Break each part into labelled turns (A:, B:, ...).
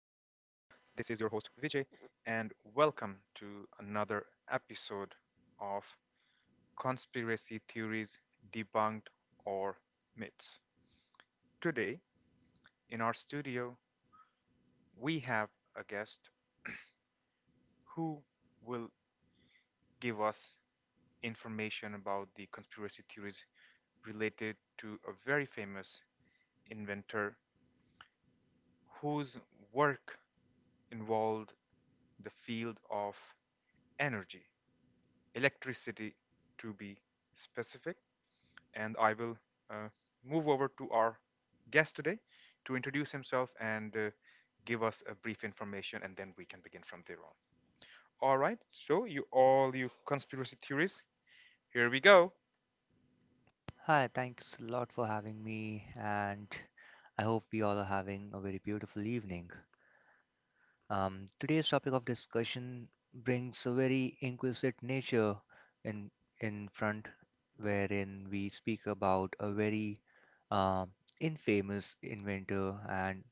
A: This is your host Vijay, and welcome to another episode of Conspiracy Theories Debunked or Myths. Today, in our studio, we have a guest who will give us information about the conspiracy theories related to a very famous inventor whose work involved the field of energy. Electricity to be specific. And I will uh, move over to our guest today to introduce himself and give us a brief information, and then we can begin from there on. All right, so you all you conspiracy theorists, here we go.
B: Hi, thanks a lot for having me, and I hope we all are having a very beautiful evening. Today's topic of discussion brings a very inquisitive nature in in front, wherein we speak about a very um infamous inventor and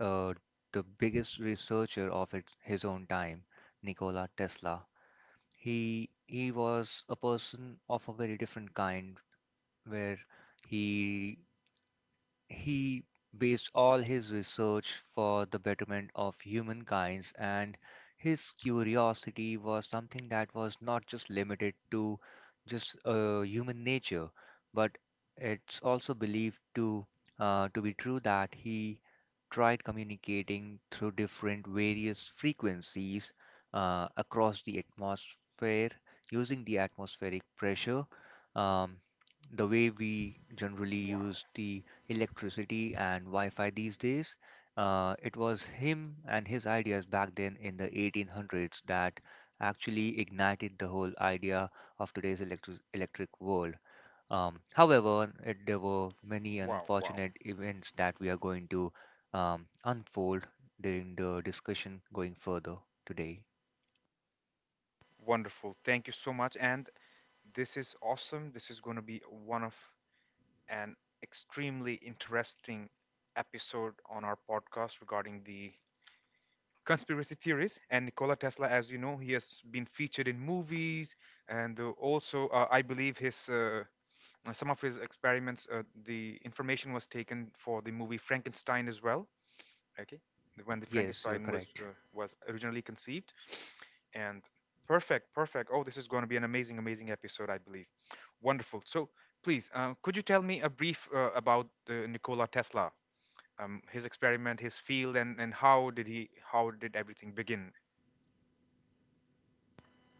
B: uh, the biggest researcher of his own time, Nikola Tesla. He was a person of a very different kind, where he He based all his research for the betterment of humankind, and his curiosity was something that was not just limited to just human nature, but it's also believed to to be true that he tried communicating through different various frequencies across the atmosphere using the atmospheric pressure. Um, the way we generally
A: Wow,
B: use the electricity and Wi-Fi these days. It was him and his ideas back then in the 1800s that actually ignited the whole idea of today's electric world. However, there were many
A: wow, wow.
B: unfortunate events that we are going to unfold during the discussion going further today.
A: Wonderful. Thank you so much. And this is awesome. This is going to be one of an extremely interesting episode on our podcast regarding the conspiracy theories. And Nikola Tesla, as you know, he has been featured in movies, and also I believe his some of his experiments, the information was taken for the movie Frankenstein as well. Okay, when the
B: Yes, you're
A: Frankenstein
B: correct.
A: was originally conceived, and perfect, perfect. Oh, this is going to be an amazing, amazing episode, I believe. Wonderful. So please, could you tell me a brief about the Nikola Tesla? His experiment, his field, and how did everything begin?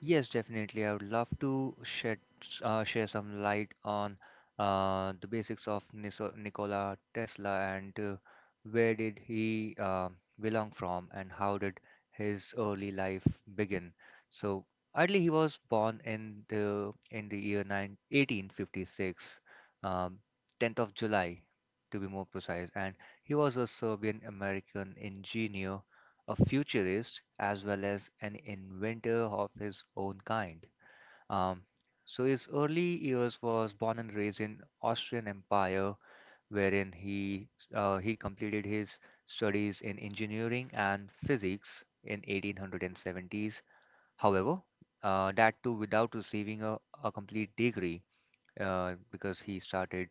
B: Yes, definitely. I would love to share some light on the basics of Niso Nikola Tesla and where did he belong from and how did his early life begin. So, ideally, he was born in the year 1856, um, 10th of July, to be more precise, and he was a Serbian American engineer, a futurist as well as an inventor of his own kind. Um, so his early years was born and raised in Austrian Empire, wherein he completed his studies in engineering and physics in 1870s. However, that too without receiving a complete degree, because he started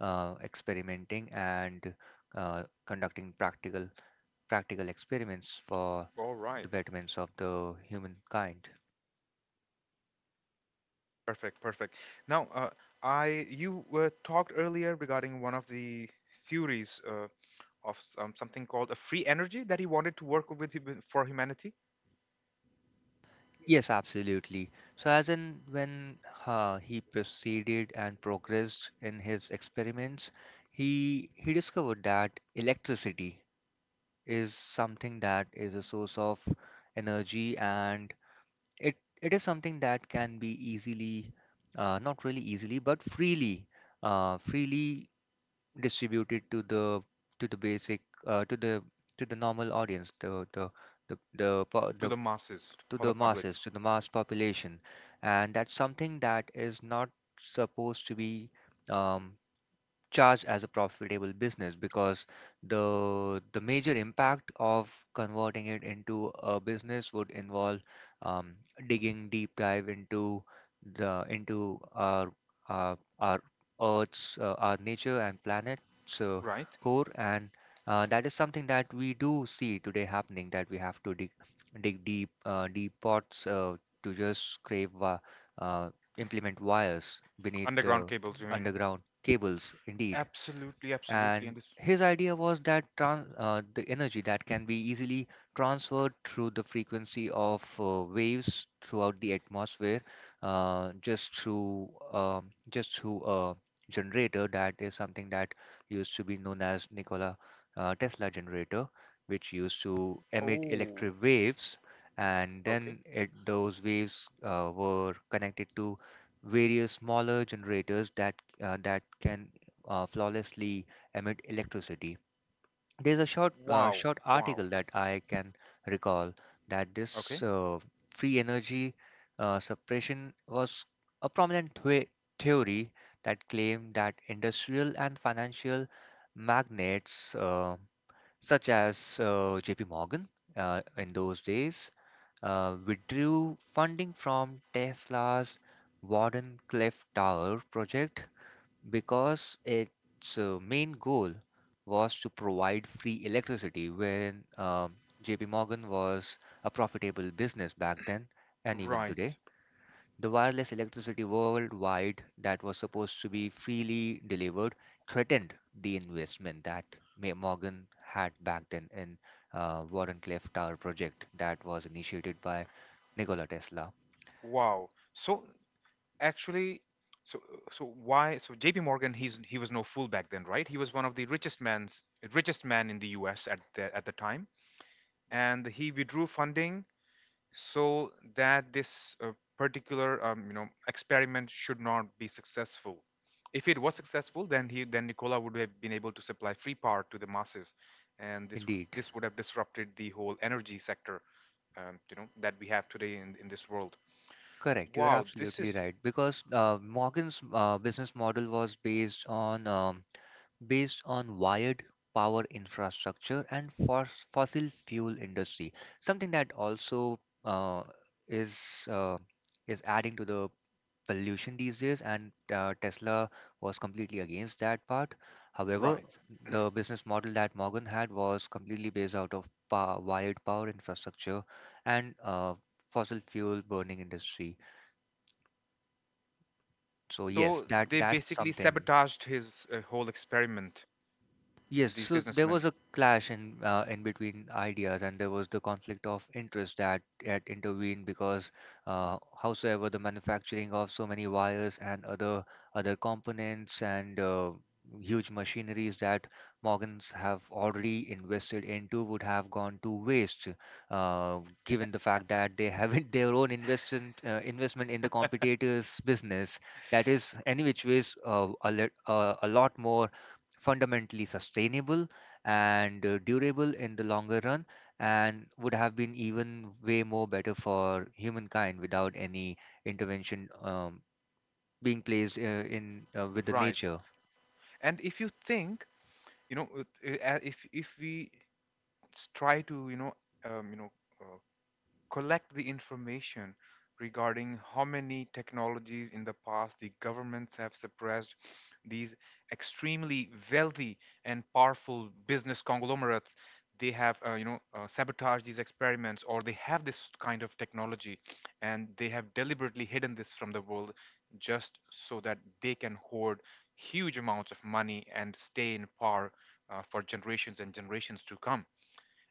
B: experimenting and conducting practical experiments for
A: All right.
B: the betterments of the humankind.
A: Perfect, perfect. Now, I you talked earlier regarding one of the theories of some, something called a free energy that he wanted to work with for humanity,
B: Yes, absolutely. So, as in when he proceeded and progressed in his experiments, he discovered that electricity is something that is a source of energy, and it it is something that can be easily, not really easily, but freely, freely distributed to the basic uh, to the to the normal audience,
A: to
B: the
A: the masses,
B: to
A: for the
B: the
A: public,
B: masses, to the mass population, and that's something that is not supposed to be um, charged as a profitable business because the major impact of converting it into a business would involve um, digging deep dive into our Earth's, our nature and planet's
A: right?
B: core, and that is something that we do see today happening, that we have to dig deep deep pots to uh, implement wires beneath
A: Underground
B: the
A: cables, you mean?
B: underground cables, indeed.
A: Absolutely, absolutely.
B: And
A: And this.
B: his idea was that tran the energy that can be easily transferred through the frequency of waves throughout the atmosphere, just through a generator. That is something that used to be known as Nikola Tesla generator, which used to emit
A: Oh,
B: electric waves, and
A: okay.
B: then those waves were connected to various smaller generators that that can flawlessly emit electricity. There's a short uh,
A: Wow,
B: short
A: wow.
B: article that I can recall, that this
A: Okay.
B: free energy suppression was a prominent theory that claimed that industrial and financial magnates such as JP Morgan in those days withdrew funding from Tesla's Warden Cliff Tower project because its main goal was to provide free electricity, wherein JP Morgan was a profitable business back then and even
A: Right.
B: today. The wireless electricity worldwide that was supposed to be freely delivered threatened the investment that Morgan had back then in Warren Clef Tower project that was initiated by Nikola Tesla.
A: Wow. So actually, so so why so JP Morgan, he's, he was no fool back then, right? He was one of the richest man in the US at the time, and he withdrew funding so that this particular experiment should not be successful. If it was successful, then he then Nikola would have been able to supply free power to the masses, and this was
B: Indeed.
A: this would have disrupted the whole energy sector, you know, that we have today in this world.
B: Correct. You're
A: Wow, this
B: absolutely
A: is
B: right because Morgan's business model was based on wired power infrastructure and fossil fuel industry, something that also uh, is uh, is adding to the pollution these days, and Tesla was completely against that part. However,
A: right.
B: the business model that Morgan had was completely based out of wired power infrastructure and fossil fuel burning industry. So yes,
A: So
B: that
A: they
B: that's
A: basically
B: something.
A: sabotaged his whole experiment.
B: Yes,
A: These
B: so there was
A: businessmen,
B: a clash in between ideas, and there was the conflict of interest that had intervened because, howsoever, the manufacturing of so many wires and other components and huge machineries that Morgans have already invested into would have gone to waste, uh, given the fact that they haven't their own investment in the competitors' business. That is, any which ways, a lot more fundamentally sustainable and durable in the longer run, and would have been even way more better for humankind without any intervention, being placed in with the
A: right?
B: nature.
A: And if you think, you know, if we try to, you know, um, you know, uh, collect the information regarding how many technologies in the past the governments have suppressed, these extremely wealthy and powerful business conglomerates, they have, sabotaged these experiments, or they have this kind of technology and they have deliberately hidden this from the world just so that they can hoard huge amounts of money and stay in power for generations and generations to come.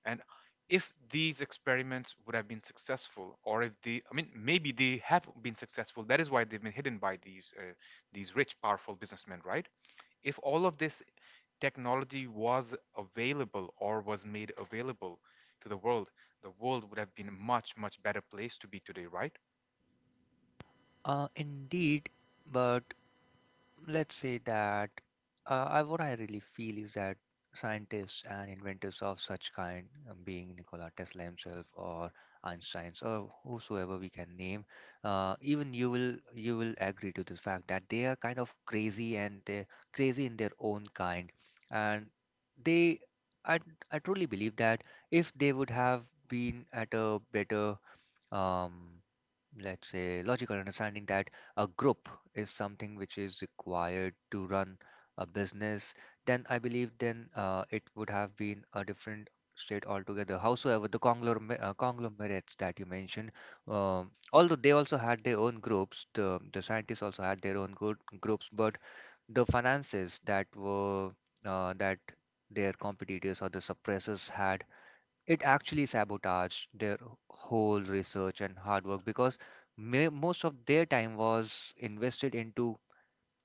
A: And if these experiments would have been successful, or if the, I mean, maybe they have been successful, that is why they've been hidden by these rich, powerful businessmen, right? If all of this technology was available or was made available to the world would have been a much, much better place to be today, right?
B: Indeed, but let's say that, what I really feel is that scientists and inventors of such kind, being Nikola Tesla himself or Einstein or whosoever we can name, even you will agree to the fact that they are kind of crazy and they're crazy in their own kind, and they I I truly believe that if they would have been at a better, um, let's say, logical understanding that a group is something which is required to run a business, then I believe, then it would have been a different state altogether. Howsoever the conglomerates that you mentioned, although they also had their own groups, the scientists also had their own good groups, but the finances that their competitors or the suppressors had, it actually sabotaged their whole research and hard work because most of their time was invested into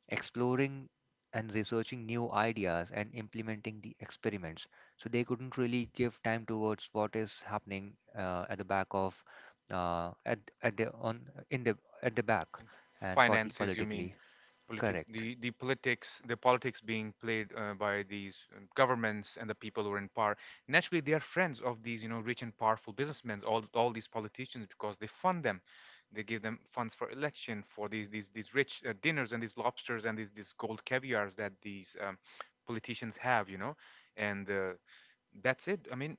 B: exploring and researching new ideas and implementing the experiments. So they couldn't really give time towards what is happening at the back of at the on in the at the back and
A: Finances, you mean?
B: politically. Correct.
A: The politics, the politics being played by these governments and the people who are in power. Naturally, they are friends of these, you know, rich and powerful businessmen, all these politicians, because they fund them. They give them funds for election, for these these rich dinners and these lobsters and these gold caviars that these politicians have, you know. And that's it. I mean,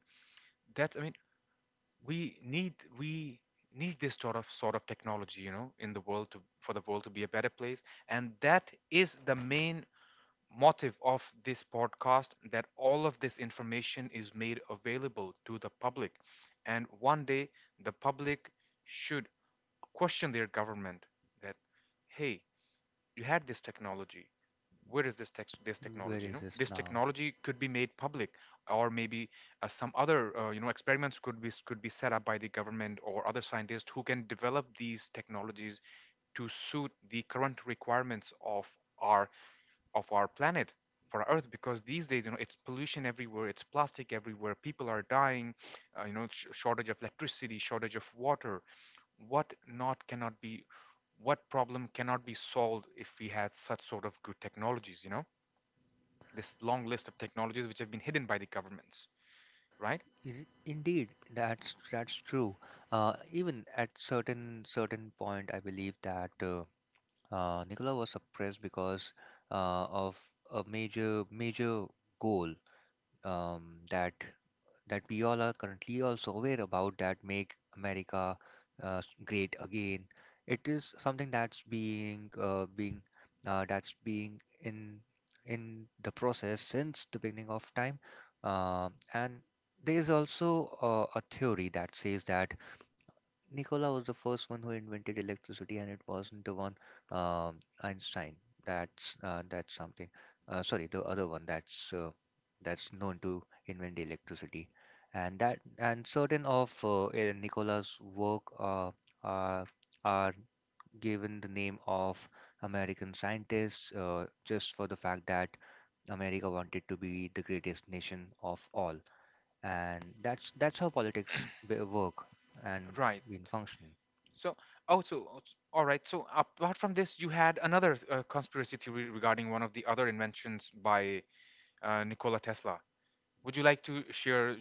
A: that's i mean we need this sort of technology, you know, in the world, to for the world to be a better place. And that is the main motive of this podcast, that all of this information is made available to the public. And one day the public should question their government that, hey, you had this technology. Where is this text this
B: Where
A: technology? You
B: is
A: know,
B: this
A: this
B: now?
A: technology could be made public, or maybe some other experiments could be set up by the government or other scientists who can develop these technologies to suit the current requirements of our, of our planet, for our earth. Because these days, you know, it's pollution everywhere, it's plastic everywhere, people are dying, shortage of electricity, shortage of water. What not cannot be, what problem cannot be solved, if we had such sort of good technologies, you know, this long list of technologies which have been hidden by the governments, right?
B: Indeed, that's true. Even at certain point, I believe that Nicola was suppressed because of a major goal, um, that that we all are currently also aware about, that make America great again. It is something that's being in the process since the beginning of time. And there is also a theory that says that Nikola was the first one who invented electricity, and it wasn't the one, Einstein. That's something. Sorry, the other one that's known to invent electricity, and certain of Nikola's work are are given the name of American scientists just for the fact that America wanted to be the greatest nation of all, and that's how politics work and
A: Right.
B: been function.
A: So, oh, so, all right, so apart from this, you had another conspiracy theory regarding one of the other inventions by Nikola Tesla. Would you like to share,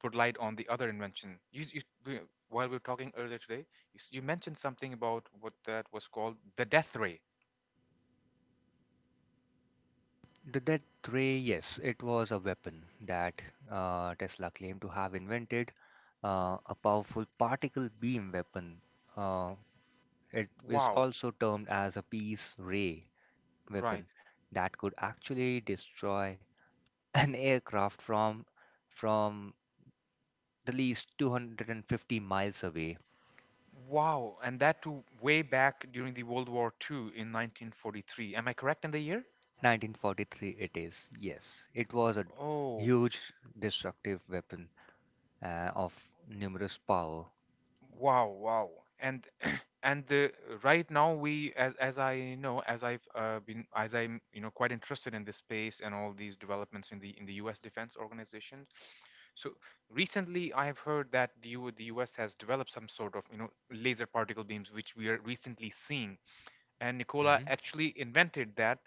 A: put light on the other invention? While we were talking earlier today, you mentioned something about what that was called, the death ray.
B: That ray, yes, it was a weapon that Tesla claimed to have invented, a powerful particle beam weapon. Uh, it is
A: Wow.
B: also termed as a peace ray
A: Right.
B: weapon that could actually destroy an aircraft from from the least 250 miles away.
A: Wow, and that too way back during the World War II in 1943. Am I correct in the year?
B: 1943 it is. Yes, it was a
A: Oh,
B: huge destructive weapon of numerous power.
A: wow, wow. And and the, right now we, as I know, as I've been, as I'm, you know, quite interested in this space and all these developments in the US defense organizations. So recently I have heard that the US has developed some sort of, you know, laser particle beams, which we are recently seeing. And Nikola actually invented that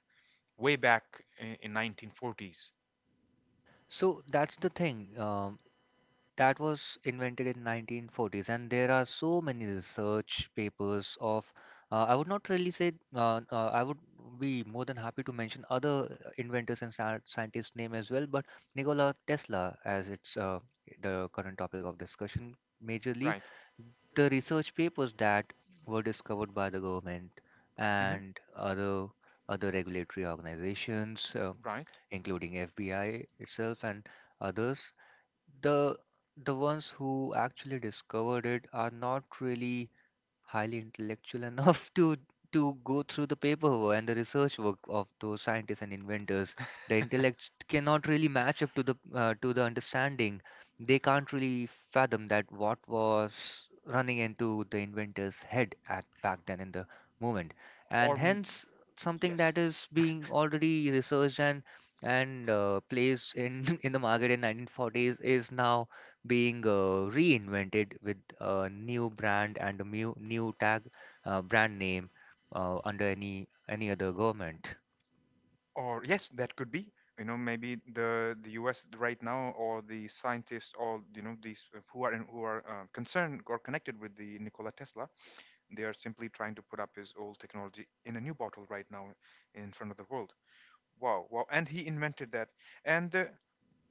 A: way back in 1940s.
B: So that's the thing. That was invented in 1940s, and there are so many research papers of. I would not really say. I would be more than happy to mention other inventors and scientists' name as well, but Nikola Tesla, as it's the current topic of discussion, majorly
A: Right.
B: the research papers that were discovered by the government
A: Hmm.
B: and other regulatory organizations.
A: Right.
B: Including FBI itself and others, the the ones who actually discovered it are not really highly intellectual enough to go through the paperwork and the research work of those scientists and inventors. The intellect cannot really match up to the understanding. They can't really fathom that what was running into the inventor's head at back then in the moment,
A: Or
B: and
A: m-
B: hence something
A: yes.
B: that is being already researched and placed in in the market in 1940s is now being reinvented with a new brand and a new tag, brand name, under any other government.
A: Or yes, that could be. You know, maybe the U.S. right now, or the scientists, or, you know, these who are in, who are concerned or connected with the Nikola Tesla, they are simply trying to put up his old technology in a new bottle right now in front of the world. Wow, wow! And he invented that, and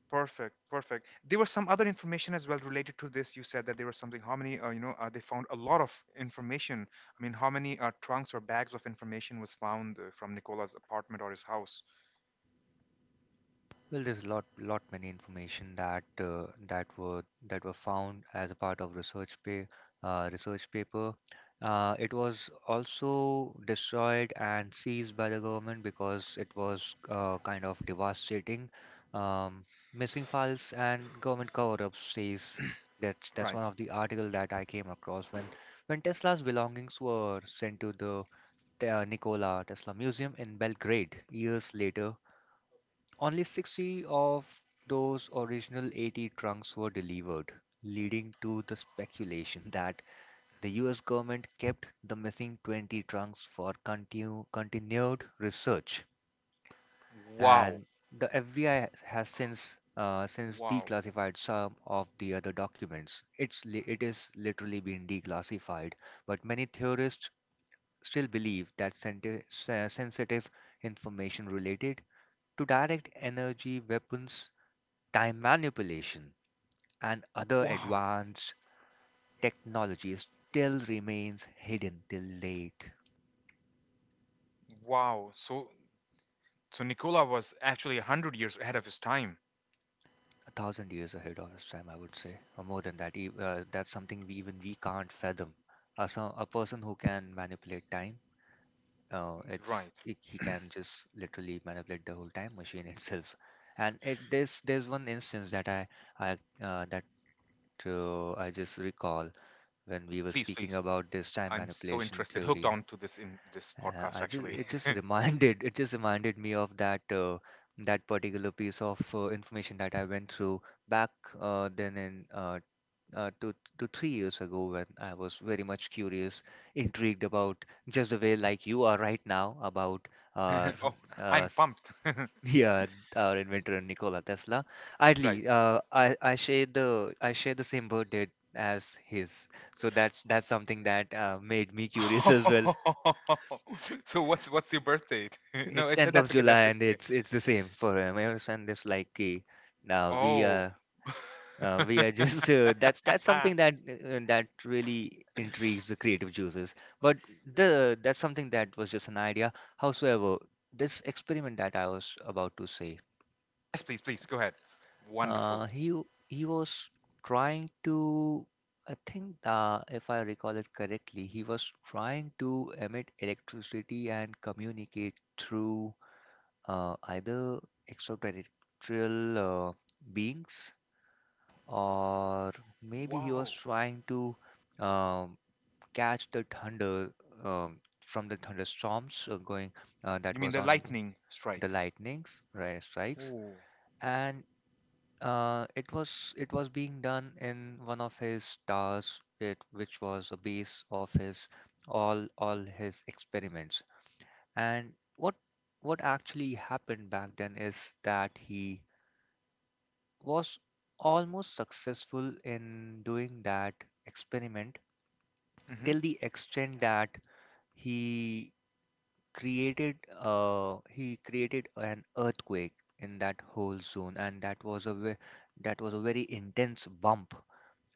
A: perfect, perfect. There was some other information as well related to this. You said that there was something. How many? They found a lot of information. I mean, how many trunks or bags of information was found from Nicola's apartment or his house?
B: Well, there's a lot many information that were found as a part of research paper. It was also destroyed and seized by the government because it was kind of devastating. Um, Missing files and government cover-ups, says that's
A: Right.
B: one of the article that I came across when Tesla's belongings were sent to the Nikola Tesla Museum in Belgrade years later. Only 60 of those original 80 trunks were delivered, leading to the speculation that the US government kept the missing 20 trunks for continued research.
A: Wow.
B: And the FBI has since
A: Wow.
B: declassified some of the other documents. It is literally been declassified, but many theorists still believe that sensitive information related to direct energy weapons time manipulation, and other
A: Wow.
B: advanced technologies still remains hidden till late
A: Wow. So, so Nicola was actually 100 years ahead of his time.
B: a thousand years ahead of us time, I would say, or more than that. That's something even we can't fathom. A person who can manipulate time, it's
A: Right.
B: it, he can just literally manipulate the whole time machine itself. And it, there's one instance that I that I just recall when we were
A: Please,
B: speaking
A: please.
B: about this time
A: I'm so
B: manipulation
A: interested, hooked
B: theory
A: on to this in this
B: Uh,
A: podcast.
B: I just
A: Actually.
B: it just reminded it just reminded me of that that particular piece of information that I went through back then in 2 to 3 years ago when I was very much curious, intrigued about just the way like you are right now about our
A: Oh,
B: uh,
A: I'm
B: s-
A: pumped.
B: yeah our inventor Nikola Tesla.
A: Right.
B: Idly, I share the same birthday as his, so that's something that made me curious as well.
A: Oh, so what's your birth date? No,
B: It's
A: it's
B: 10th of
A: that's okay. That's
B: July and
A: okay.
B: it's the same for him. Ever since this like now
A: Oh.
B: we are just that's
A: Ah,
B: something that that really intrigues the creative juices. But the that's something that was just an idea. Howsoever, this experiment that I was about to say,
A: yes, please, please go ahead.
B: uh,
A: Wonderful.
B: he w- he was trying to I think if I recall it correctly, he was trying to emit electricity and communicate through. Either extraterrestrial uh, beings or maybe he was
A: Wow.
B: trying to um, catch the thunder from the thunderstorms going that
A: You mean
B: was
A: the
B: on
A: lightning
B: the
A: strike?
B: lightnings right strikes
A: Oh.
B: and it was being done in one of his stars it, which was a base of his all his experiments and what actually happened back then is that he was almost successful in doing that experiment till
A: Mhm.
B: the extent that he created he created an earthquake in that whole zone and that was a that was a very intense bump,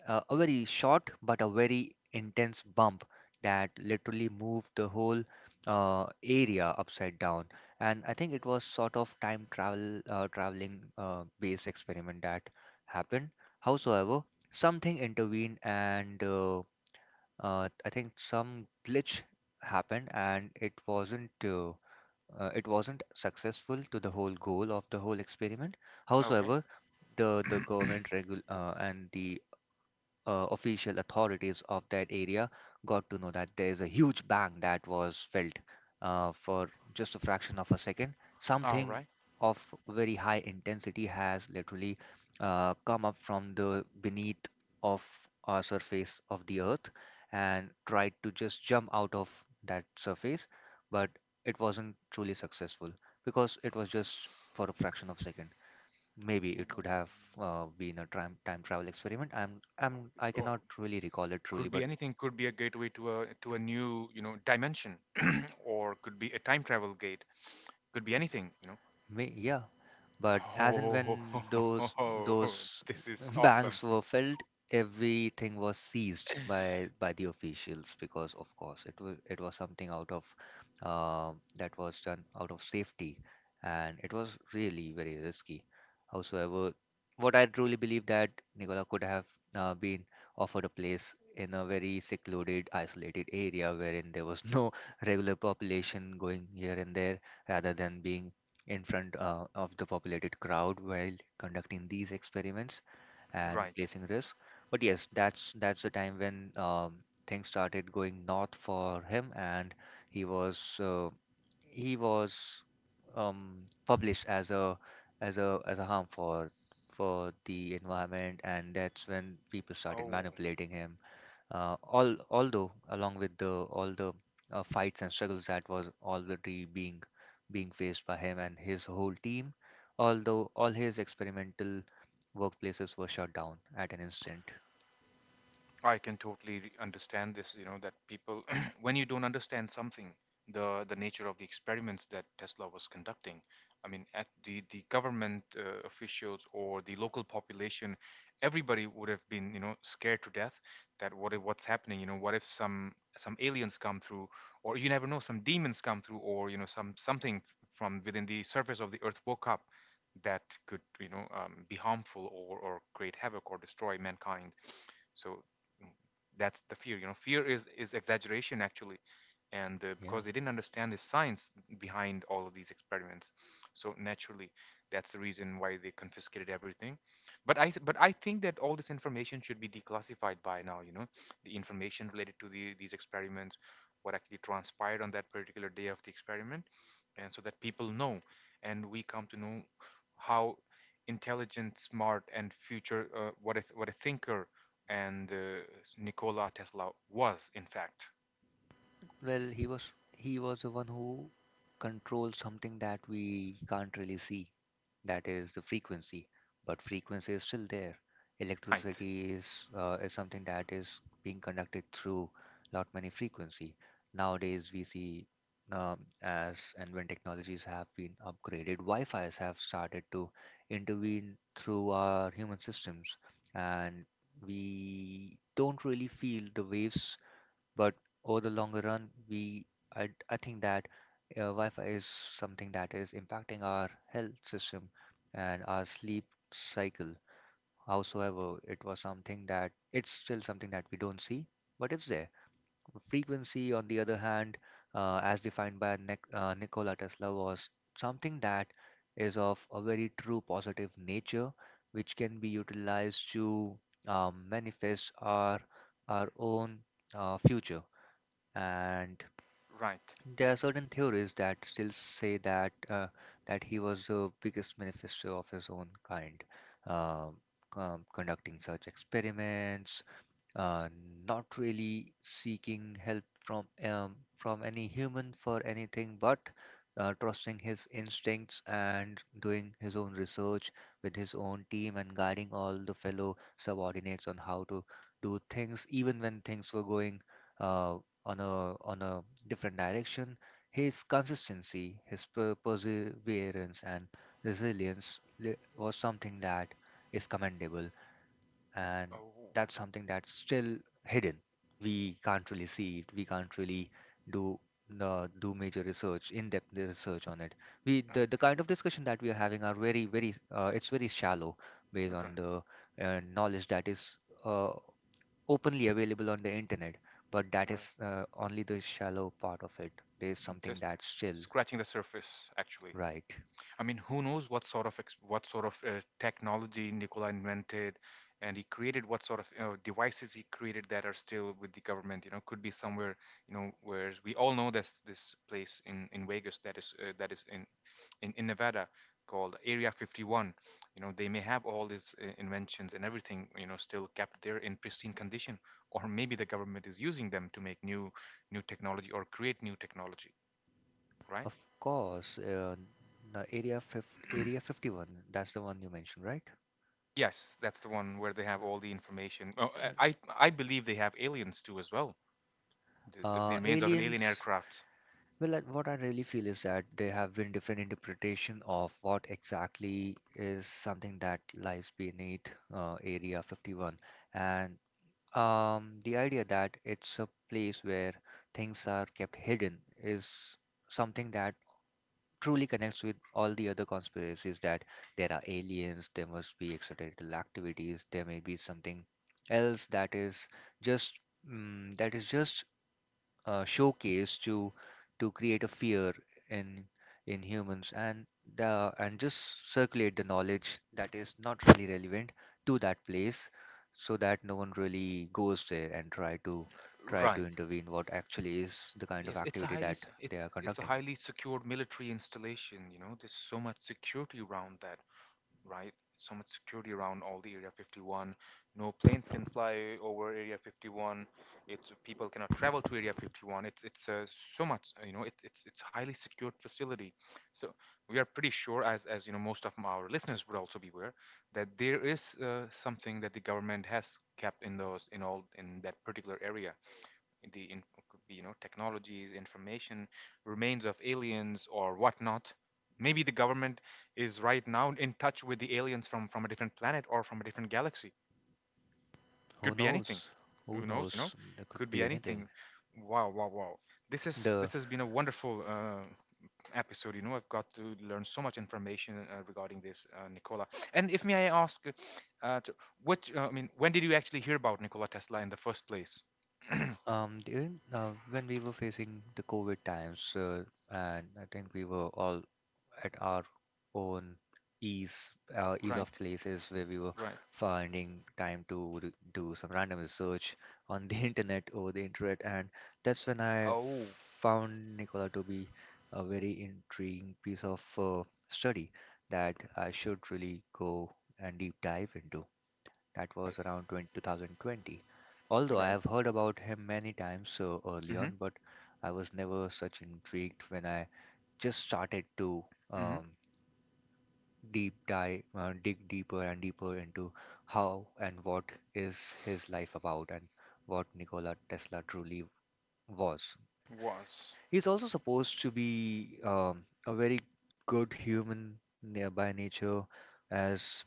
B: a very short but a very intense bump that literally moved the whole area upside down. And I think it was sort of time travel, traveling based experiment that happened. Howsoever, something intervened, and I think some glitch happened, and it wasn't successful to the whole goal of the whole experiment.
A: Okay.
B: Howsoever, the government regul and the official authorities of that area got to know that there is a huge bang that was felt for just a fraction of a second.
A: All
B: Something
A: right.
B: of very high intensity has literally come up from the beneath of our surface of the earth and tried to just jump out of that surface, but it wasn't truly successful because it was just for a fraction of a second. Maybe it could have
A: Mm,
B: been a time travel experiment. I'm
A: Or
B: I'm I
A: or
B: cannot really recall it truly,
A: could
B: but
A: be anything. Could be a gateway to a new, you know, dimension, or could be a time travel gate. Could be anything. You know.
B: yeah. But as and
A: Oh,
B: when those
A: this is awesome.
B: banks were filled, everything was seized by the officials because, of course, it was something out of uh, that was done out of safety, and it was really very risky. Howsoever, what I truly believe that Nicola could have been offered a place in a very secluded, isolated area wherein there was no regular population going here and there, rather than being in front of the populated crowd while conducting these experiments and
A: Right.
B: placing risk. But yes, that's the time when things started going north for him, and he was uh, he was published as a as a harm for the environment, and that's when people started
A: Oh.
B: manipulating him although along with the all the fights and struggles that was already being being faced by him and his whole team, although all his experimental workplaces were shut down at an instant.
A: I can totally understand this, you know, that people, when you don't understand something, the nature of the experiments that Tesla was conducting, I mean, at the government officials or the local population, everybody would have been, you know, scared to death. That what if what's happening, you know, what if some some aliens come through, or you never know, some demons come through, or, you know, from within the surface of the earth woke up that could, you know, be harmful or create havoc or destroy mankind. So that's the fear. You know, fear is exaggeration actually, and
B: Yeah.
A: because they didn't understand the science behind all of these experiments. So naturally, that's the reason why they confiscated everything. But but I think that all this information should be declassified by now, you know, the information related to the, these experiments, what actually transpired on that particular day of the experiment, and so that people know and we come to know how intelligent, smart, and future what a thinker and Nikola Tesla was in fact,
B: Well, he was the one who controlled something that we can't really see. That is the frequency. But frequency is still there.
A: right.
B: Electricity is something that is being conducted through lot many frequency. Nowadays we see as and when technologies have been upgraded, Wi-Fi's have started to intervene through our human systems, and we don't really feel the waves but over the longer run, I think that Wi-Fi is something that is impacting our health system and our sleep cycle. Howsoever, it was something that it's still something that we don't see, but it's there. Frequency, on the other hand, as defined by Nikola Tesla, was something that is of a very true positive nature, which can be utilized to manifest our own future and
A: Right.
B: there are certain theories that still say that that he was the biggest manifesto of his own kind, um, conducting such experiments, uh, not really seeking help from any human for anything, but trusting his instincts and doing his own research with his own team and guiding all the fellow subordinates on how to do things, even when things were going uh, on a different direction. His consistency, his perseverance, and resilience was something that is commendable and
A: Oh,
B: that's something that's still hidden. We can't really see it. We can't really do do major research, in-depth research on it. The
A: okay.
B: kind of discussion that we are having are very very it's very shallow based
A: Right,
B: on the knowledge that is uh, openly available on the internet. But that
A: right.
B: is only the shallow part of it. There is something
A: Just
B: that's still
A: scratching the surface, actually.
B: right.
A: I mean, who knows what sort of what sort of technology Nikola invented, and he created, what sort of, you know, devices he created that are still with the government. You know, could be somewhere, you know, where we all know this this place in Vegas that is in Nevada called Area 51. You know, they may have all these inventions and everything, you know, still kept there in pristine condition, or maybe the government is using them to make new, new technology or create new technology, right?
B: Of course, the area fif area 51. That's the one you mentioned, right?
A: Yes, that's the one where they have all the information. Oh, I I I believe they have aliens too as well. The remains of an alien
B: Aliens,
A: aircraft.
B: what I really feel is that there have been different interpretation of what exactly is something that lies beneath Area 51, and the idea that it's a place where things are kept hidden is something that truly connects with all the other conspiracies that there are aliens, there must be extraterrestrial activities, there may be something else that is just mm, that is just showcase to create a fear in in humans and the and just circulate the knowledge that is not really relevant to that place so that no one really goes there and try to try to
A: Right.
B: intervene what actually is the kind of
A: Yes, it's a
B: activity that they
A: it's
B: are
A: it's a
B: conducting.
A: highly secured military installation. You know, there's so much security around that. Right? So much security around all the Area 51. No planes can fly over Area 51. It's people cannot travel to Area 51. It's so much, it's highly secured facility. So we are pretty sure, as you know, most of our listeners would also be aware that there is something that the government has kept in those in all in that particular area. The could be, you know, technologies, information, remains of aliens or whatnot. Maybe the government is right now in touch with the aliens from a different planet or from a different galaxy.
B: Who
A: Could be anything.
B: knows, who
A: Who knows? You know,
B: knows there could
A: could be
B: be anything.
A: anything. Wow, wow, wow. This is
B: the
A: this has been a wonderful episode. You know, I've got to learn so much information regarding this, Nicola. And if may I ask, uh, to, what I mean, when did you actually hear about Nikola Tesla in the first place?
B: when we were facing the covid times and I think we were all at our own ease ease
A: Right,
B: of places where we were
A: right.
B: finding time to do some random research on the internet over the internet and that's when I
A: Oh,
B: found Nicola to be a very intriguing piece of study that I should really go and deep dive into. That
A: right,
B: was around 2020. Although I
A: right.
B: have heard about him many times so early
A: Hmm. Mm.
B: on, but I was never such intrigued when I just started to
A: Hmm.
B: um, deep dig deeper and deeper into how and what is his life about and what Nikola Tesla truly was.
A: Was
B: He's also supposed to be a very good human by nature, as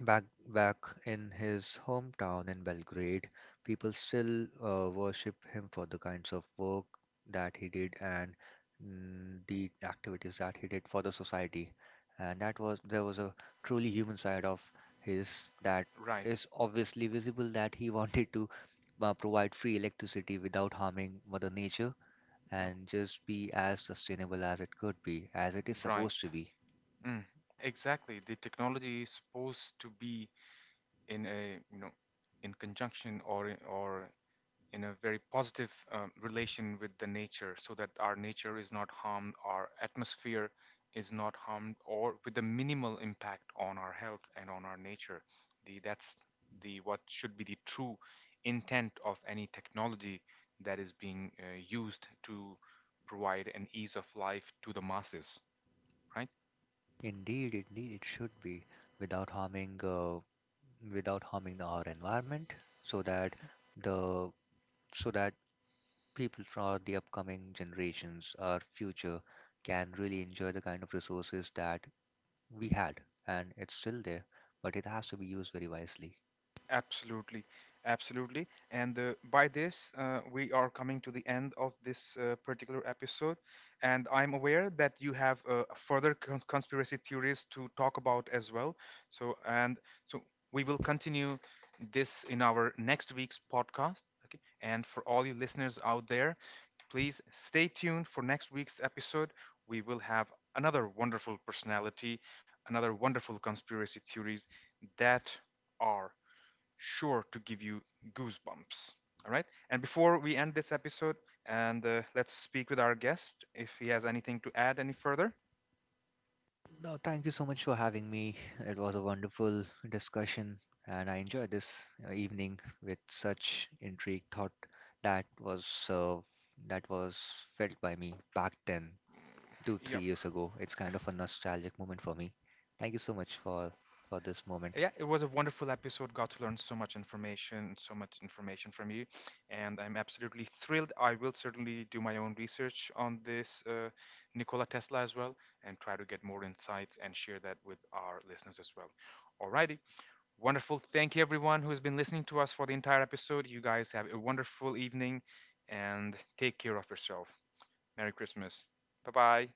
B: Back back in his hometown in Belgrade, people still worship him for the kinds of work that he did and the activities that he did for the society. And that was there was a truly human side of his that
A: right,
B: is obviously visible that he wanted to provide free electricity without harming Mother Nature
A: uh,
B: and just be as sustainable as it could be, as it is supposed
A: right.
B: to be.
A: Mm, exactly. The technology is supposed to be in a, you know, in conjunction or or in a very positive relation with the nature, so that our nature is not harmed, our atmosphere is not harmed, or with a minimal impact on our health and on our nature. The that's the what should be the true intent of any technology that is being used to provide an ease of life to the masses, right?
B: Indeed, indeed, it should be without harming without harming our environment so that the so that people from the upcoming generations our future can really enjoy the kind of resources that we had and it's still there but it has to be used very wisely.
A: Absolutely, absolutely. And by this, we are coming to the end of this particular episode. And I'm aware that you have conspiracy theories to talk about as well. So, and so we will continue this in our next week's podcast. Okay. And for all you listeners out there, please stay tuned for next week's episode. We will have another wonderful personality, another wonderful conspiracy theories that are sure to give you goosebumps. All right. And before we end this episode, and let's speak with our guest if he has anything to add any further.
B: No, thank you so much for having me. It was a wonderful discussion and I enjoyed this evening with such intrigue thought that was uh, that was felt by me back then two, three
A: Yep.
B: years ago. It's kind of a nostalgic moment for me. Thank you so much for this moment.
A: Yeah, it was a wonderful episode. Got to learn so much information from you, and I'm absolutely thrilled. I will certainly do my own research on this Nikola Tesla as well, and try to get more insights and share that with our listeners as well. Alrighty, wonderful. Thank you, everyone who has been listening to us for the entire episode. You guys have a wonderful evening and take care of yourself. Merry Christmas. Bye bye.